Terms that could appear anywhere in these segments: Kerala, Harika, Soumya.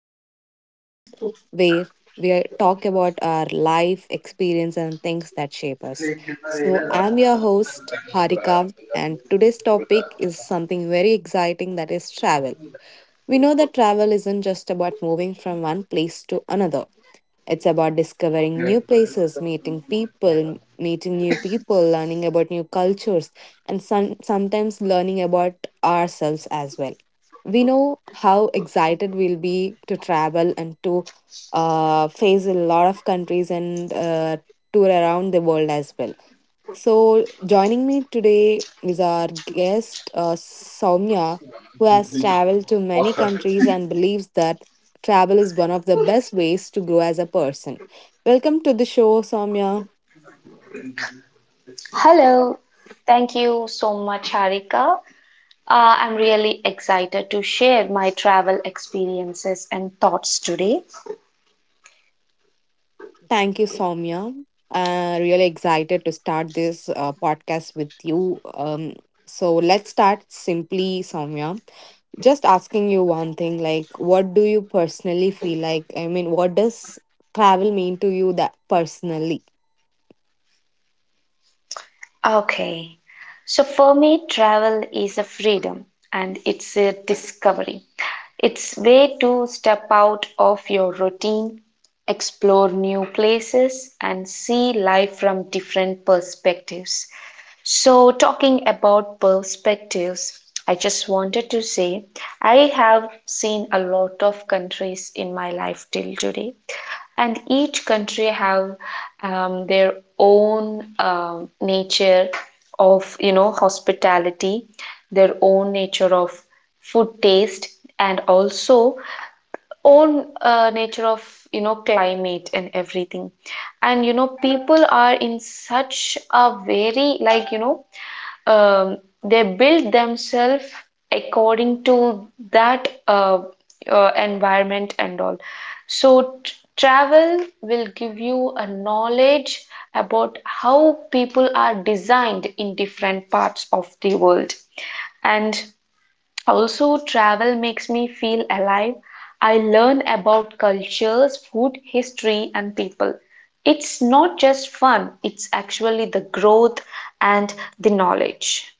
one more podcast where talk about our life experience and things that shape us. So, I'm your host, Harika, and today's topic is something very exciting that is travel. We know that travel isn't just about moving from one place to another. It's about discovering new places, meeting new people, learning about new cultures, and sometimes learning about ourselves as well. We know how excited we'll be to travel and to face a lot of countries and tour around the world as well. So, joining me today is our guest, Soumya, who has traveled to many countries and believes that travel is one of the best ways to grow as a person. Welcome to the show, Soumya. Hello, thank you so much, Harika. I'm really excited to share my travel experiences and thoughts today. Thank you, Soumya. Really excited to start this podcast with you. So, let's start simply, Soumya. Just asking you one thing like, what do you personally feel like? I mean, what does travel mean to you that personally? Okay, so for me, travel is a freedom and it's a discovery. It's way to step out of your routine, explore new places, and see life from different perspectives. So, talking about perspectives, I just wanted to say I have seen a lot of countries in my life till today, and each country have their own nature of hospitality, their own nature of food taste, and also own nature of climate and everything. And people are in such a very like um, they build themselves according to that environment and all. So, tr travel will give you a knowledge about how people are designed in different parts of the world. And also, travel makes me feel alive. I learn about cultures, food, history, and people. It's not just fun, it's actually the growth and the knowledge.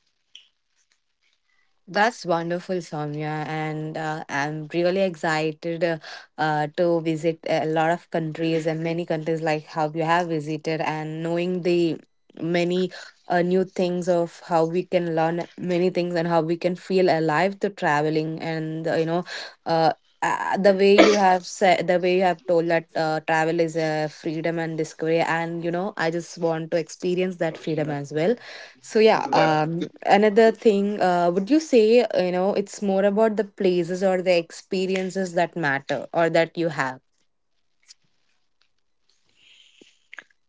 That's wonderful, Soumya, and I'm really excited to visit a lot of countries and many countries like how you have visited, and knowing the many new things of how we can learn many things and how we can feel alive to traveling and, you know, uh, the way you have said, the way you have told that travel is a freedom and discovery, and you know I just want to experience that freedom as well. So yeah, another thing, would you say, you know, it's more about the places or the experiences that matter or that you have?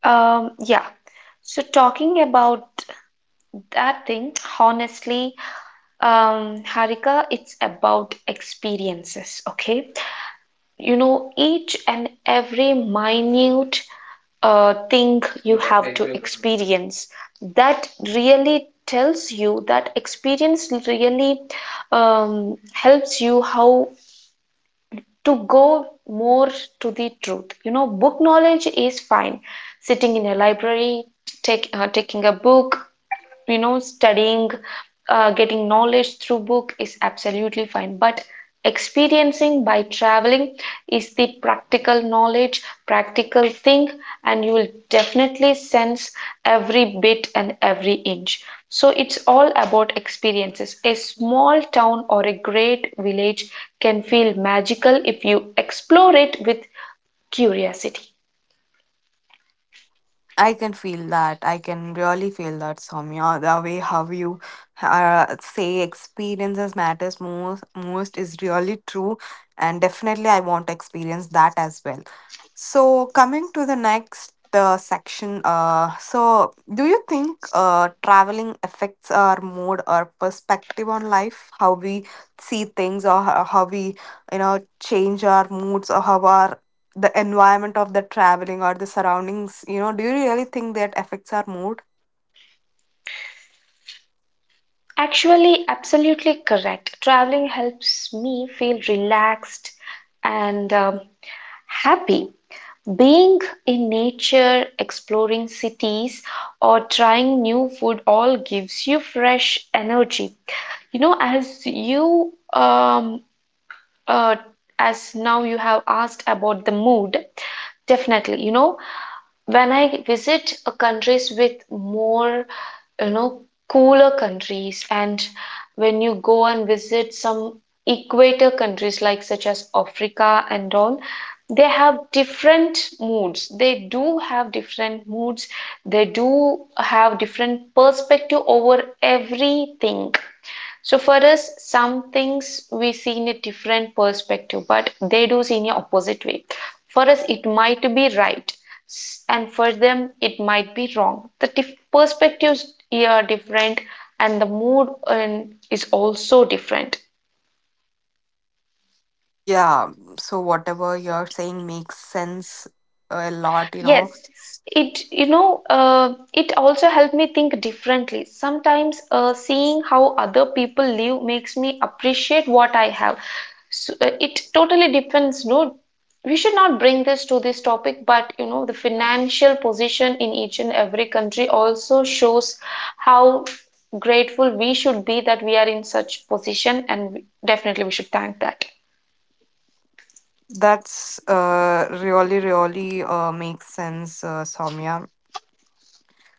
Yeah. So talking about that thing, honestly, Harika, it's about experiences, okay? You know, each and every minute thing you have to experience that really tells you that experience really helps you how to go more to the truth. You know, book knowledge is fine. Sitting in a library, taking a book, studying getting knowledge through book is absolutely fine, but experiencing by traveling is the practical knowledge practical thing, and you will definitely sense every bit and every inch. So it's all about experiences. A small town or a great village can feel magical if you explore it with curiosity. I can feel that. I can really feel that, Soumya. The way how you say experiences matters most is really true, and definitely I want to experience that as well. So coming to the next section, so do you think traveling affects our mood or perspective on life, how we see things, or how we, you know, change our moods, or how our, the environment of the traveling or the surroundings, you know, do you really think that affects our mood? Actually, absolutely correct. Traveling helps me feel relaxed and happy. Being in nature, exploring cities, or trying new food all gives you fresh energy. You know, uh, as now you have asked about the mood, definitely, you know, when I visit a countries with more, you know, cooler countries, and when you go and visit some equator countries like such as Africa and all, they have different moods. They do have different moods. They do have different perspective over everything. So for us, some things we see in a different perspective, but they do see in a opposite way. For us, it might be right, and for them, it might be wrong. The perspectives here are different, and the mood and is also different. Yeah, so whatever you're saying makes sense a lot, you know. Yes, it you know it also helped me think differently. Sometimes seeing how other people live makes me appreciate what I have. So, it totally depends. No, we should not bring this to this topic, but you know the financial position in each and every country also shows how grateful we should be that we are in such position, and definitely we should thank that. That's really, really makes sense, Soumya.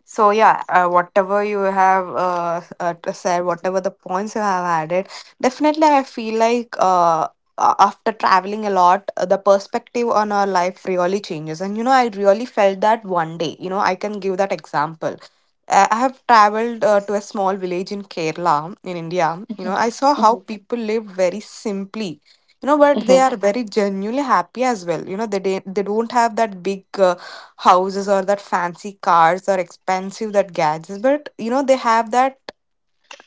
So yeah, whatever you have to said, whatever the points you have added, definitely I feel like after traveling a lot, the perspective on our life really changes. And you know, I really felt that one day. You know, I can give that example. I have traveled to a small village in Kerala in India. You know, Mhm, I saw how mhm. people lived very simply. You know, but they Mhm. are very genuinely happy as well. You know, they don't have that big houses or that fancy cars or expensive that gadgets, but you know they have that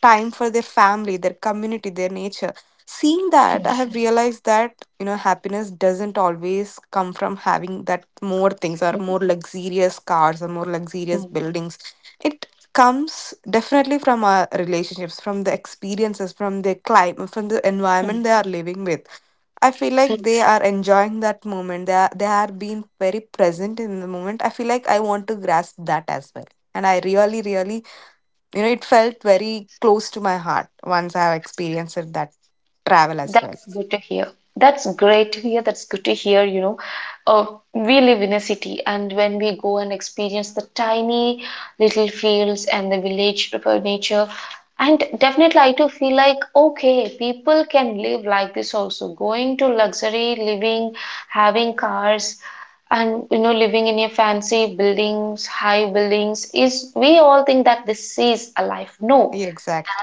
time for their family, their community, their nature. Seeing that, I have realized that you know happiness doesn't always come from having that more things or more luxurious cars or more luxurious buildings. It comes definitely from our relationships, from the experiences, from the climate, from the environment they are living with. I feel like they are enjoying that moment. They are being very present in the moment. I feel like I want to grasp that as well. And I really, really, you know, it felt very close to my heart once I have experienced it, that travel as well. That's good to hear. That's great to hear. That's good to hear. You know, uh, we live in a city, and when we go and experience the tiny little fields and the village nature, and definitely I too feel like, okay, people can live like this also, going to luxury living, having cars, and you know, living in a fancy buildings, high buildings, is we all think that this is a life. No, Yeah,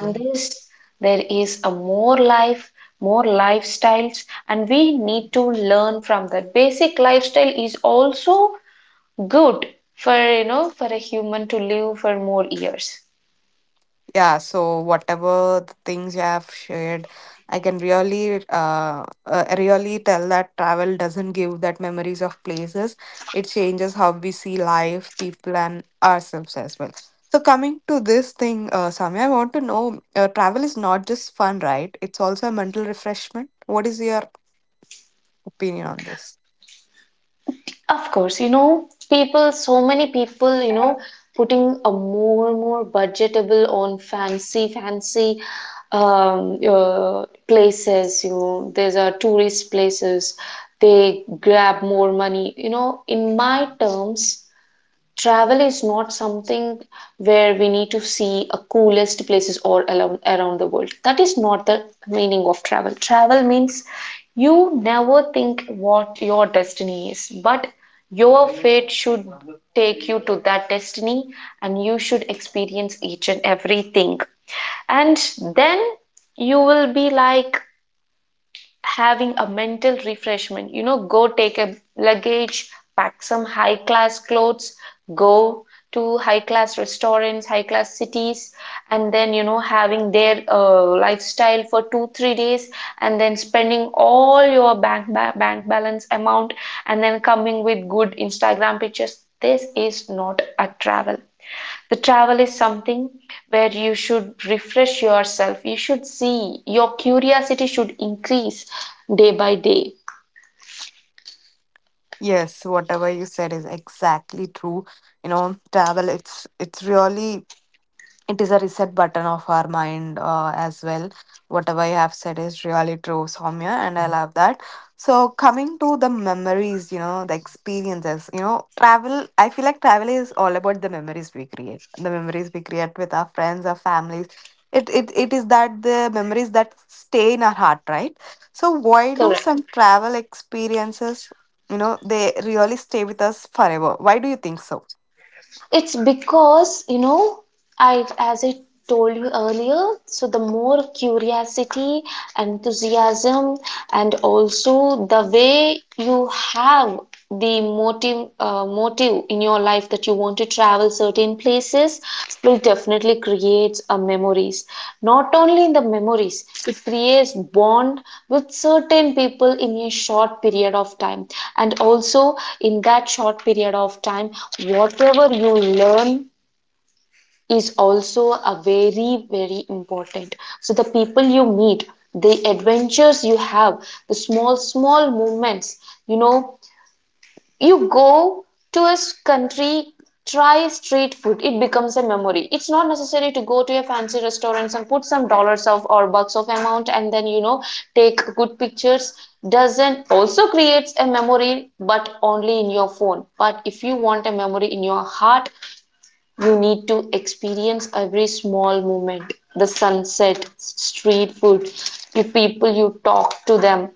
than this there is a more life, more lifestyles, and we need to learn from that basic lifestyle is also good for you know for a human to live for more years. Yeah, so whatever the things you have shared, I can really, really tell that travel doesn't give that memories of places. It changes how we see life, people, and ourselves as well. So coming to this thing, Sami, I want to know, travel is not just fun, right? It's also a mental refreshment. What is your opinion on this? Of course, people, so many people, putting a more and more budgetable on fancy places, these are tourist places, they grab more money. You know in my terms, travel is not something where we need to see a coolest places all around the world. That is not the meaning of Travel means you never think what your destiny is, but your fate should take you to that destiny, and you should experience each and everything. And then you will be like having a mental refreshment. You know, go take a luggage, pack some high class clothes, go to high class restaurants, high class cities, and then, you know, having their lifestyle for two, 3 days, and then spending all your bank balance amount, and then coming with good Instagram pictures. This is not a travel. The travel is something where you should refresh yourself. You should see. Your curiosity should increase day by day. Yes, whatever you said is exactly true. You know, travel, it's really, it is a reset button of our mind, as well. Whatever you have said is really true, Soumya, and I love that. So coming to the memories, you know, the experiences, you know, travel, I feel like travel is all about the memories we create, the memories we create with our friends, our families. It is that, the memories that stay in our heart, right? So why do Correct. some travel experiences, you know, they really stay with us forever? Why do you think so? It's because, you know, as I told you earlier, so the more curiosity, enthusiasm, and also the way you have the motive in your life that you want to travel certain places, split definitely creates a memories. Not only in the memories, it creates bond with certain people in a short period of time. And also in that short period of time, whatever you learn is also a very, very important. So the people you meet, the adventures you have, the small, small moments, you know you go to a country, try street food. It becomes a memory. It's not necessary to go to a fancy restaurant and put some dollars of or bucks of amount and then take good pictures. Doesn't also creates a memory, but only in your phone. But if you want a memory in your heart, you need to experience every small moment, the sunset, street food, the people you talk to them,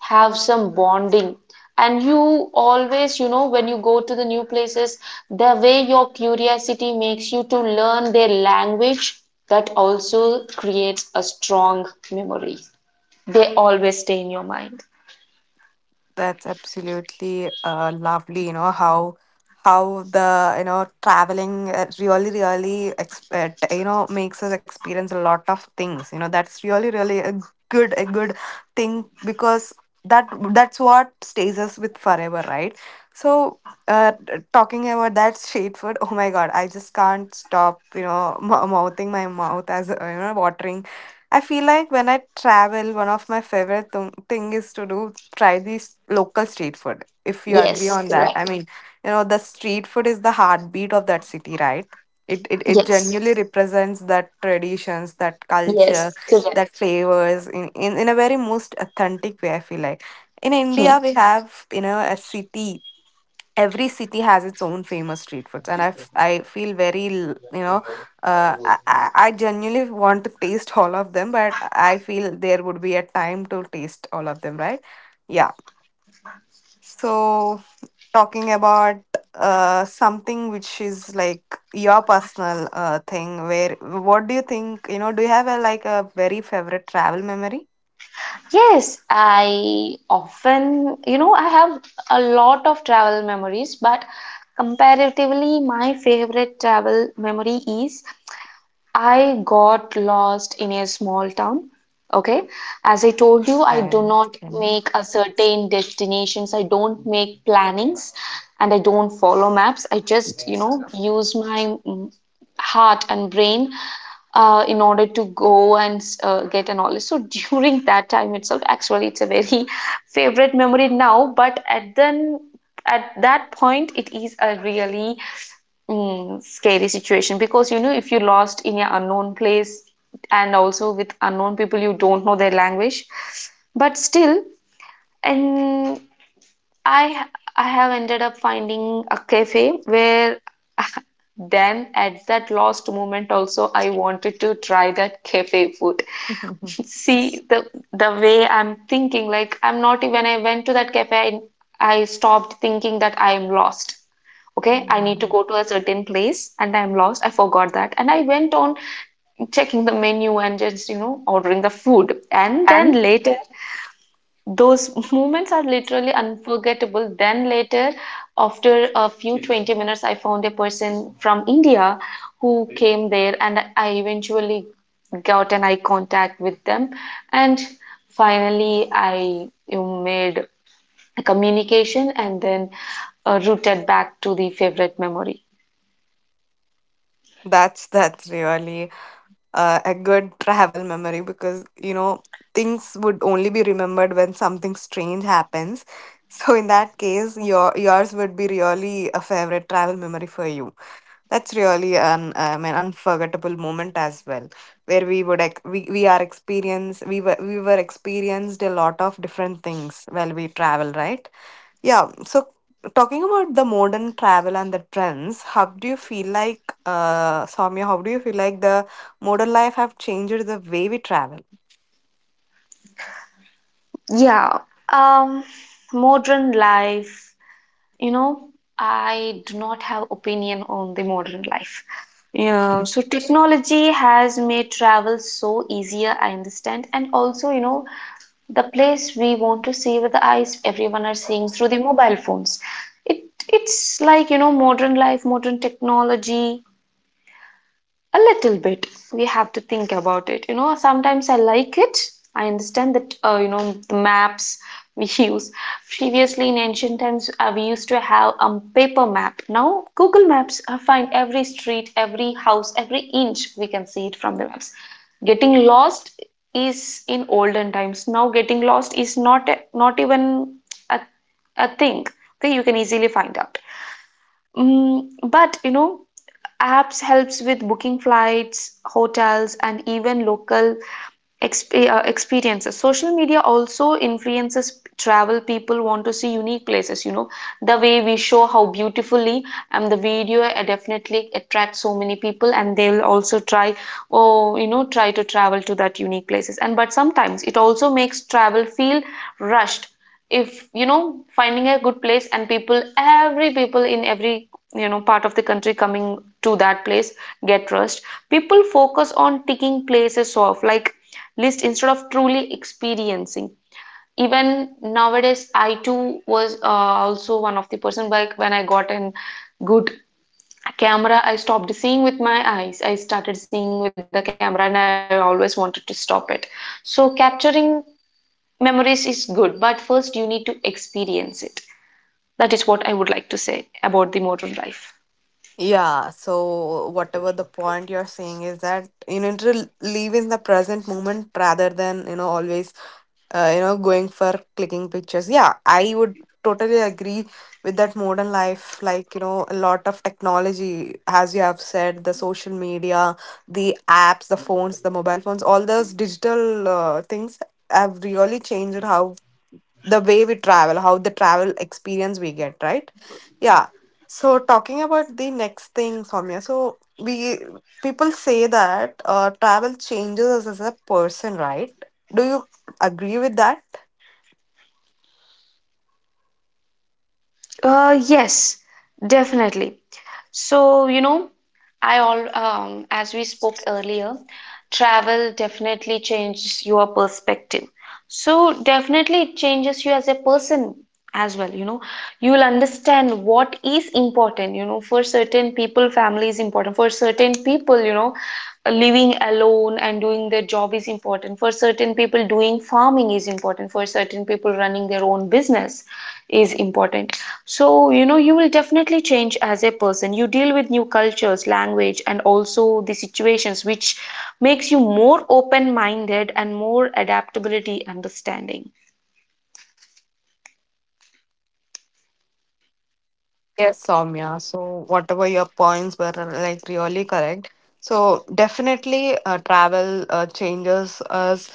have some bonding. And you always, when you go to the new places, the way your curiosity makes you to learn their language, that also creates a strong memory. They always stay in your mind. That's absolutely lovely, you know, how the, you know, traveling really, really, you know, makes us experience a lot of things. You know, that's really, really a a good thing because that, that's what stays us with forever, right? So, uh, talking about that street food, oh my God, I just can't stop, you know, mouthing my mouth as, you know, watering. I feel like when I travel, one of my favorite thing is to do, try these local street food, if you agree Yes, on that. I correct. mean, you know, the street food is the heartbeat of that city, right? It Yes, genuinely represents that traditions, that culture, yes, that correct. flavors in a very most authentic way, I feel like. In Hmm. India we have, you know, a city, every city has its own famous street foods, and I feel very you know, I genuinely want to taste all of them, but I feel there would be a time to taste all of them, right? Yeah. So, talking about something which is like your personal thing, where what do you think? You know, do you have a like a very favorite travel memory? Yes, I often, you know, I have a lot of travel memories, but comparatively, my favorite travel memory is I got lost in a small town. Okay. As I told you, I do And not make a certain destinations. I don't make plannings and I don't follow maps. I just, use my heart and brain in order to go and get a knowledge. So during that time itself, actually, it's a very favorite memory now, but at that point, it is a really scary situation, because if you lost in an unknown place and also with unknown people, you don't know their language, but still, and I I have ended up finding a cafe where then at that lost moment also I wanted to try that cafe food. See the way I'm thinking, like I'm not when I went to that cafe, I stopped thinking that I'm lost. Okay, I need to go to a certain place and I'm lost. I forgot that. And I went on checking the menu and just, ordering the food. And then and later those moments are literally unforgettable. Then later, after a few 20 minutes, I found a person from India who came there, and I eventually got an eye contact with them. And finally, I you made a communication and then rooted back to the favorite memory. That's really a good travel memory, because you know things would only be remembered when something strange happens. So in that case, your, yours would be really a favorite travel memory for you. That's really an unforgettable moment as well, where we would we were experienced a lot of different things while we travel, right? Yeah. So talking about the modern travel and the trends, how do you feel like, uh, Soumya, how do you feel like the modern life have changed the way we travel? Yeah, um, modern life. You know, I do not have opinion on the modern life. Yeah, so technology has made travel so easier, I understand, and also, you know, the place we want to see with the eyes, everyone are seeing through the mobile phones. It it's like, you know, modern life, modern technology. A little bit. We have to think about it. You know, sometimes I like it. I understand that, the maps we use. Previously, in ancient times, we used to have a paper map. Now, Google Maps find every street, every house, every inch. We can see it from the maps. Getting lost is in olden times. Now, getting lost is not even a, a thing. Okay, you can easily find out. But you know, apps helps with booking flights, hotels, and even local experiences. Social media also influences travel. People want to see unique places, the way we show how beautifully, and the video definitely attracts so many people, and they'll also try, oh, you know, try to travel to that unique places. And but sometimes it also makes travel feel rushed. If you know, finding a good place and people, every people in every part of the country coming to that place get rust. People focus on ticking places off like list instead of truly experiencing. Even nowadays, I too was also one of the person, like when I got a good camera, I stopped seeing with my eyes. I started seeing with the camera, and I always wanted to stop it. So capturing memories is good, but first you need to experience it. That is what I would like to say about the modern life. Yeah, so whatever the point you're saying is that you need to live in the present moment rather than, you know, always you know, going for clicking pictures. Yeah, I would totally agree with that. Modern life, like, you know, a lot of technology, as you have said, the social media, the apps, the phones, the mobile phones, all those digital things have really changed how, the way we travel, how the travel experience we get, right? Yeah. So talking about the next thing, Soumya. So we, people say that travel changes us as a person, right? Do you agree with that? Yes, definitely. So, you know, I all as we spoke earlier, travel definitely changes your perspective. So, definitely it changes you as a person as well, you know. You will understand what is important, for certain people, family is important. For certain people, living alone and doing their job is important. For certain people, doing farming is important. For certain people, running their own business is important. So, you will definitely change as a person. You deal with new cultures, language, and also the situations, which makes you more open minded and more adaptability understanding. Yes, Soumya. So whatever your points were like really correct. So definitely, travel changes us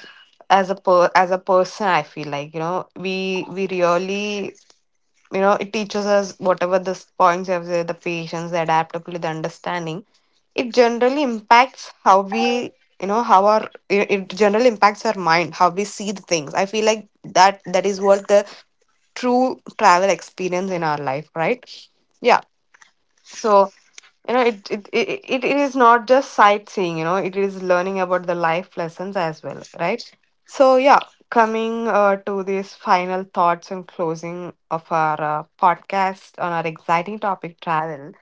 as as a person. I feel like you know we really, you know, it teaches us, whatever the points you have, the patience, the adaptability, the understanding, it generally impacts how we, you know, how our, it generally impacts our mind, how we see the things. I feel like that, that is what the true travel experience in our life, right? Yeah. So, you know, it is not just sightseeing, you know, it is learning about the life lessons as well, right? So yeah, coming to these final thoughts and closing of our podcast on our exciting topic, travel.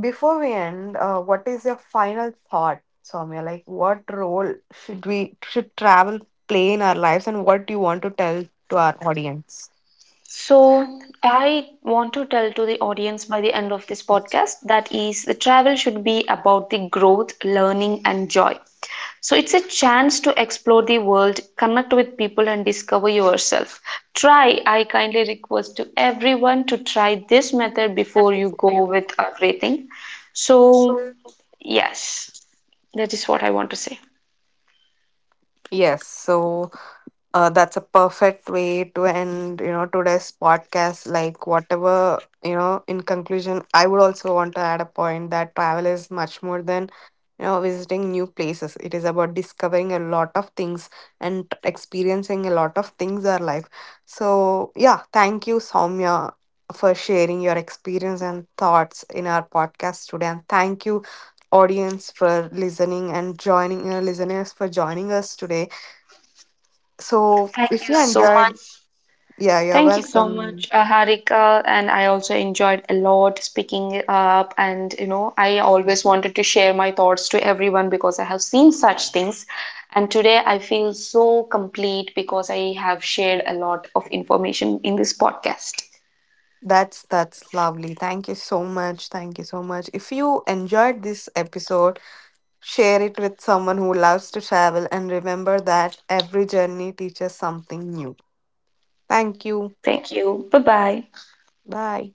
Before we end, what is your final thought, Soumya? Like, what role should we should travel play in our lives, and what do you want to tell to our audience? So, I want to tell to the audience by the end of this podcast that is, the travel should be about the growth, learning, and joy. So, it's a chance to explore the world, connect with people, and discover yourself. I kindly request to everyone to try this method before you go with everything. So, yes, that is what I want to say. Yes. So, uh, that's a perfect way to end, you know, today's podcast. Like, whatever, you know, in conclusion, I would also want to add a point that travel is much more than, you know, visiting new places. It is about discovering a lot of things and experiencing a lot of things in our life. So, yeah, thank you, Soumya, for sharing your experience and thoughts in our podcast today. And thank you, audience, for listening and joining, listeners, for joining us today. So, Thank if you you so much. enjoyed, yeah, you're Thank you so much, welcome. Harika. And I also enjoyed a lot speaking up. And, I always wanted to share my thoughts to everyone because I have seen such things. And today I feel so complete because I have shared a lot of information in this podcast. That's lovely. Thank you so much. Thank you so much. If you enjoyed this episode, share it with someone who loves to travel, and remember that every journey teaches something new. Thank you. Thank you. Bye bye. Bye.